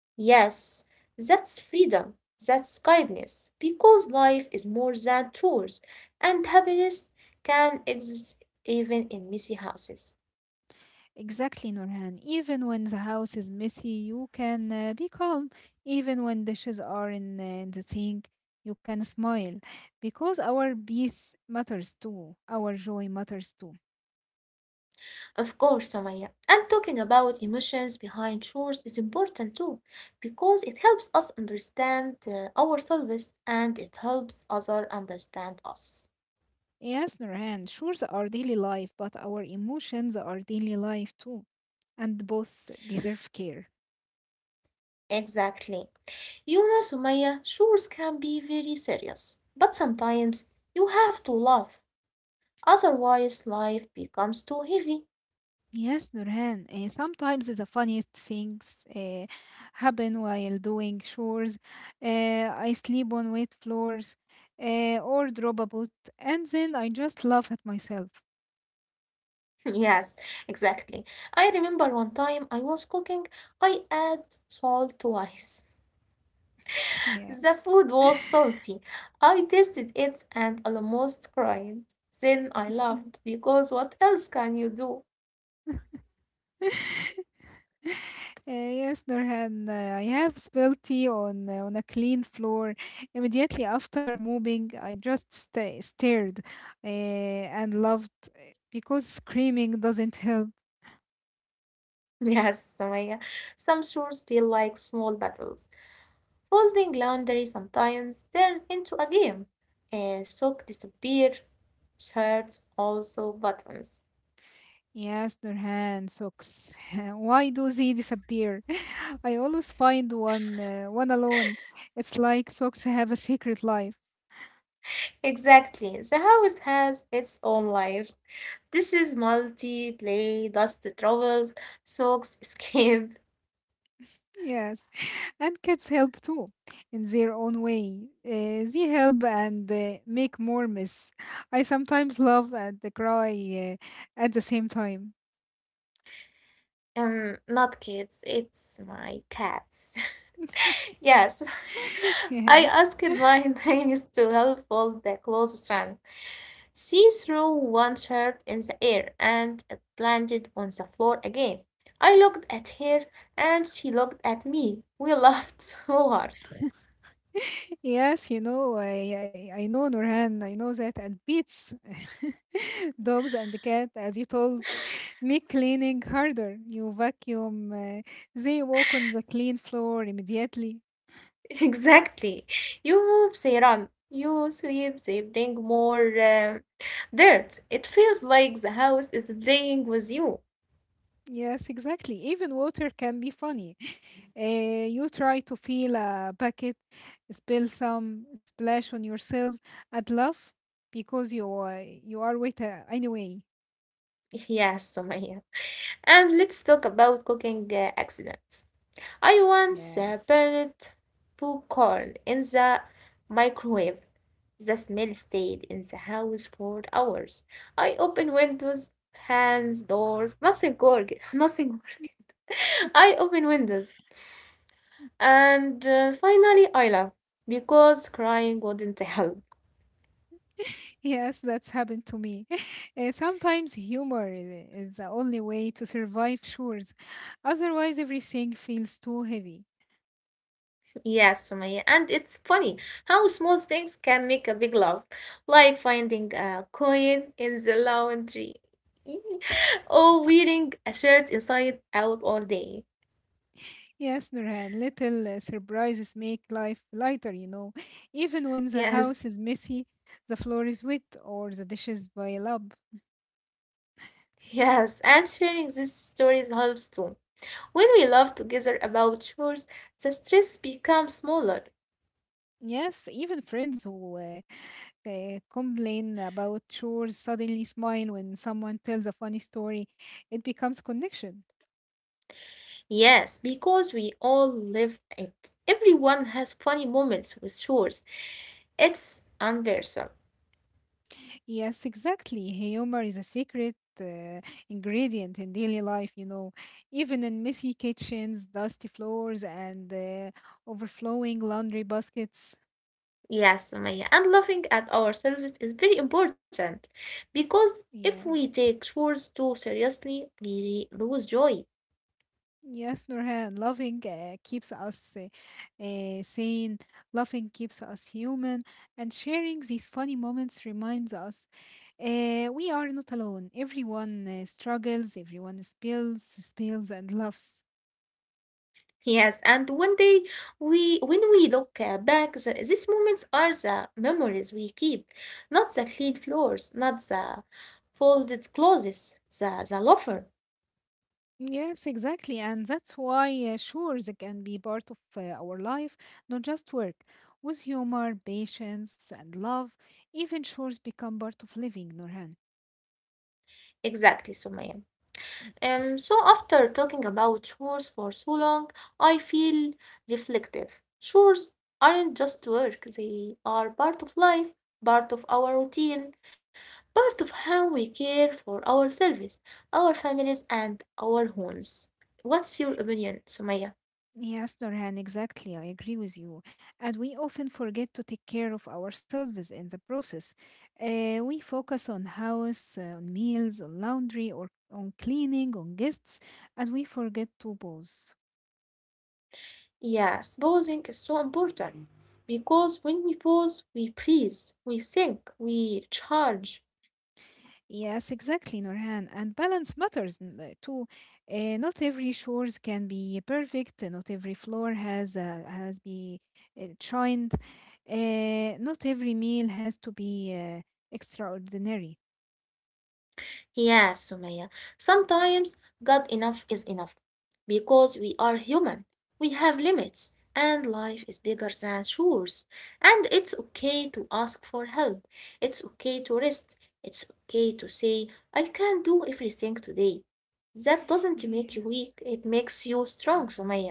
Speaker 1: Yes, that's freedom. That's kindness. Because life is more than chores, and happiness can exist even in messy houses.
Speaker 2: Exactly, Nurhan. Even when the house is messy, you can uh, be calm. Even when dishes are in, uh, in the sink, you can smile because our peace matters too. Our joy matters too.
Speaker 1: Of course, Sumaya. And talking about emotions behind chores is important too, because it helps us understand uh, ourselves and it helps others understand us.
Speaker 2: Yes, Nurhan, sure, they are daily life, but our emotions are daily life too, and both deserve care.
Speaker 1: Exactly. You know, Sumaya, chores can be very serious, but sometimes you have to laugh, otherwise, life becomes too heavy.
Speaker 2: Yes, Nurhan. Uh, sometimes the funniest things uh, happen while doing chores. Uh, I sleep on wet floors uh, or drop a boot, and then I just laugh at myself.
Speaker 1: [LAUGHS] Yes, exactly. I remember one time I was cooking, I add salt twice.
Speaker 2: [LAUGHS]
Speaker 1: The
Speaker 2: Yes.
Speaker 1: food was salty. I tasted it and almost cried. Then I laughed because what else can you do?
Speaker 2: [LAUGHS] Uh, yes, Nurhan, uh, I have spilled tea on uh, on a clean floor. Immediately after moving, I just sta stared uh, and laughed uh, because screaming doesn't help.
Speaker 1: [LAUGHS] Yes, Sumaya. Some chores feel like small battles. Folding laundry sometimes turns into a game. A sock disappear. Shirts also buttons.
Speaker 2: Yes, Nurhan, socks. [LAUGHS] Why do they disappear? [LAUGHS] I always find one uh, one alone. It's like socks have a secret life.
Speaker 1: Exactly. The house has its own life. This is multi, play, dust travels, socks [LAUGHS] escape.
Speaker 2: Yes, [LAUGHS] and cats help too, in their own way. Uh, they help and uh, make more mess. I sometimes laugh and cry uh, at the same time.
Speaker 1: Um, not kids, it's my cats. [LAUGHS] Yes,
Speaker 2: [LAUGHS]
Speaker 1: [LAUGHS] I
Speaker 2: yes.
Speaker 1: asked my
Speaker 2: [LAUGHS]
Speaker 1: [LAUGHS] niece to help fold the clothesline. She threw one shirt in the air and it landed on the floor again. I looked at her and she looked at me. We laughed [LAUGHS] so hard.
Speaker 2: Yes, you know, I, I I know Nurhan, I know that, and Beats, [LAUGHS] dogs and the cat, as you told make cleaning harder. You vacuum, uh, they walk on the clean floor immediately.
Speaker 1: [LAUGHS] Exactly. You move, they run. You sweep, they bring more um, dirt. It feels like the house is playing with you.
Speaker 2: Yes, exactly. Even water can be funny. [LAUGHS] Uh, you try to fill a bucket, spill some, splash on yourself. I'd love because you uh, you are with uh, anyway.
Speaker 1: [LAUGHS] Yes, Sumaya. And let's talk about cooking uh, accidents. I once uh,
Speaker 2: Yes.
Speaker 1: burned popcorn in the microwave. The smell stayed in the house for hours. I opened windows, hands, doors, nothing worked. [LAUGHS] Nothing worked.
Speaker 2: [LAUGHS]
Speaker 1: I opened windows, and uh, finally I laughed because crying wouldn't [LAUGHS] help.
Speaker 2: Yes, that's happened to me. [LAUGHS] Uh, sometimes humor i- is the only way to survive chores. Otherwise, everything feels too heavy.
Speaker 1: Yes, Sumaya, and it's funny how small things can make a big love, like finding a coin in the laundry [LAUGHS] or wearing a shirt inside out all day.
Speaker 2: Yes, Nurhan, little uh, surprises make life lighter, you know. [LAUGHS] Even when the house
Speaker 1: Yes,
Speaker 2: is messy, the floor is wet, or the dishes pile up.
Speaker 1: [LAUGHS] yes, and sharing these stories helps too. When we laugh together about chores, the stress becomes smaller.
Speaker 2: Yes, even friends who uh, uh, complain about chores suddenly smile when someone tells a funny story. It becomes connection.
Speaker 1: Yes, because we all live it. Everyone has funny moments with chores. It's universal.
Speaker 2: Yes, exactly. Humor is a secret uh, ingredient in daily life, you know. Even in messy kitchens, dusty floors, and uh, overflowing laundry baskets.
Speaker 1: Yes, Sumaya, and laughing at ourselves is very important because if we take
Speaker 2: Yes.
Speaker 1: chores too seriously, we lose joy.
Speaker 2: Yes, Nurhan, loving uh, keeps us uh, uh, sane, loving keeps us human, and sharing these funny moments reminds us uh, we are not alone. Everyone uh, struggles, everyone spills, spills, and laughs.
Speaker 1: Yes, and one day we, when we look uh, back, the, these moments are the memories we keep, not the clean floors, not the folded clothes, the the loafer.
Speaker 2: Yes, exactly. And that's why, uh, sure, they can be part of uh, our life, not just work. With humor, patience, and love, even chores become part of living, Nurhan.
Speaker 1: Exactly, Sumaya. Um,
Speaker 2: [CLEARS THROAT]
Speaker 1: so after talking about chores for so long, I feel reflective. Chores aren't just work, they are part of life, part of our routine, part of how we care for ourselves, our families, and our homes. What's your opinion, Sumaya?
Speaker 2: Yes, Dorhan, exactly. I agree with you. And we often forget to take care of ourselves in the process. Uh, we focus on house, uh, on meals, on laundry, or on cleaning, on guests, and we forget to pause.
Speaker 1: Yes, pausing is so important because when we pause, we breathe, we think, we charge.
Speaker 2: Yes, exactly, Norhan. And balance matters n- uh, too. Uh, not every chores can be perfect. uh, Not every floor has uh, has be uh, shined. Uh, not every meal has to be uh, extraordinary.
Speaker 1: Yeah, Sumaya. Sometimes God enough is enough because we are human. We have limits and life is bigger than chores. And it's okay to ask for help. It's okay to rest. It's okay to say, I can't do everything today. That doesn't make you weak,
Speaker 2: Yes.
Speaker 1: it makes you strong, Sumaya.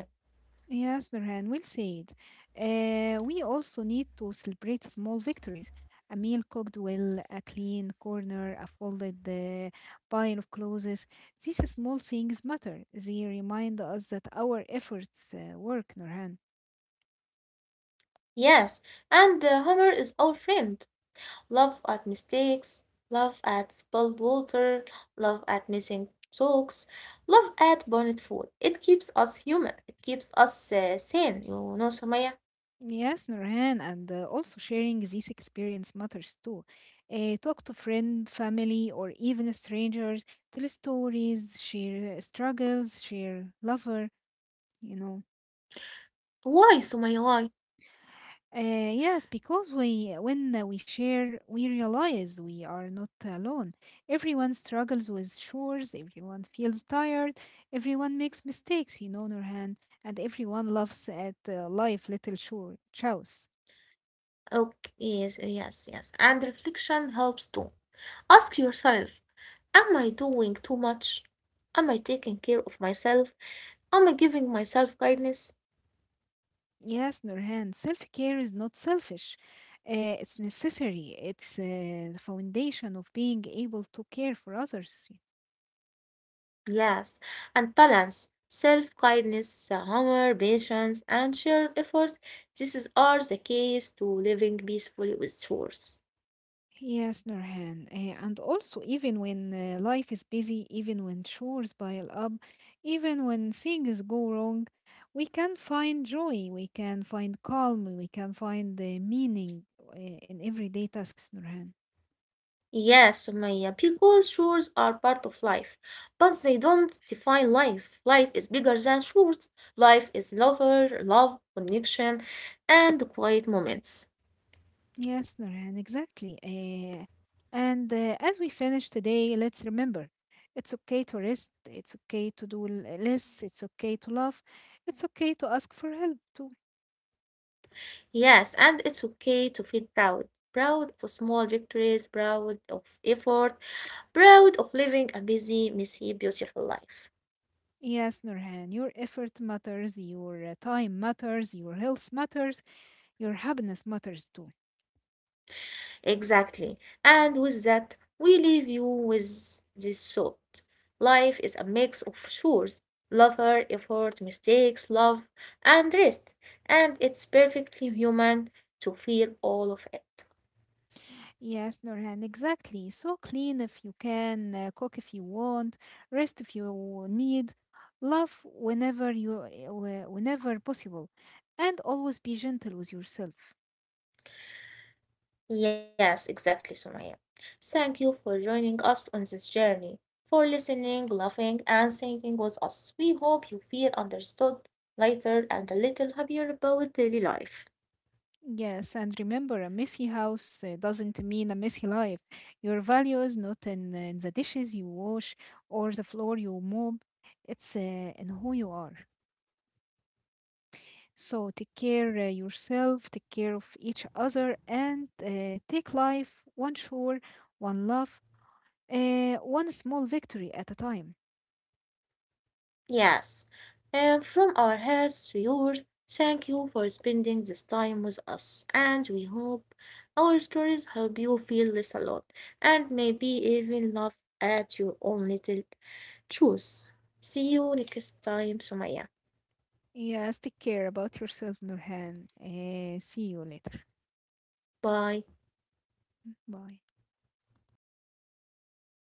Speaker 2: Yes, Nurhan, we'll see it. Uh, we also need to celebrate small victories. A meal cooked well, a clean corner, a folded uh, pile of clothes. These small things matter. They remind us that our efforts uh, work, Nurhan.
Speaker 1: Yes, and uh, humor is our friend. Laugh at mistakes, laugh at spilled water, laugh at missing socks, laugh at burnt food. It keeps us human. It keeps us uh, sane. You know, Sumaya.
Speaker 2: Yes, Nurhan, and uh, also sharing this experience matters too. Uh, talk to friend, family, or even strangers. Tell stories, share struggles, share lover, you know.
Speaker 1: Why, Sumaya? Why?
Speaker 2: Uh, yes, because we when uh, we share, we realize we are not alone. Everyone struggles with chores, everyone feels tired, everyone makes mistakes, you know, Nurhan, and everyone laughs at uh, life little chore chows.
Speaker 1: Okay, yes, yes, yes. And reflection helps too. Ask yourself, am I doing too much? Am I taking care of myself? Am I giving myself kindness?
Speaker 2: Yes, Nurhan, self-care is not selfish. Uh, it's necessary. It's uh, the foundation of being able to care for others.
Speaker 1: Yes, and balance, self-kindness, uh, humor, patience, and shared efforts. These are the keys to living peacefully with chores.
Speaker 2: Yes, Nurhan. eh, and also, even when uh, life is busy, even when chores pile up, even when things go wrong, we can find joy, we can find calm, we can find the meaning uh, in everyday tasks, Nurhan.
Speaker 1: Yes, Sumaya, because chores are part of life, but they don't define life. Life is bigger than chores. Life is lover, love, connection, and quiet moments.
Speaker 2: Yes, Nurhan, exactly. eh, and uh, as we finish today, let's remember it's okay to rest, it's okay to do l- less, it's okay to love, it's okay to ask for help to.
Speaker 1: Yes, and it's okay to feel proud. Proud of small victories, proud of effort, proud of living a busy, messy, beautiful life.
Speaker 2: Yes, Nurhan, your effort matters, your uh, time matters, your health matters, your happiness matters too.
Speaker 1: Exactly. And with that, we leave you with this thought. Life is a mix of chores, laughter, effort, mistakes, love, and rest. And it's perfectly human to feel all of it.
Speaker 2: Yes, Nurhan, exactly. So clean if you can, uh, cook if you want, rest if you need, love whenever you uh, whenever possible, and always be gentle with yourself.
Speaker 1: Yes, exactly, Sumaya. Thank you for joining us on this journey, for listening, laughing, and thinking with us. We hope you feel understood, lighter, and a little happier about daily life.
Speaker 2: Yes, and remember, a messy house uh, doesn't mean a messy life. Your value is not in, in the dishes you wash or the floor you mop. It's uh, in who you are. So take care uh, yourself, take care of each other, and uh, take life one shore, one love, uh, one small victory at a time.
Speaker 1: Yes, and from our hearts to yours, thank you for spending this time with us, and we hope our stories help you feel less alone and maybe even laugh at your own little truths. See you next time, Sumaya.
Speaker 2: Yes, take care about yourself, Nurhan. Uh, see you later.
Speaker 1: Bye.
Speaker 2: Bye.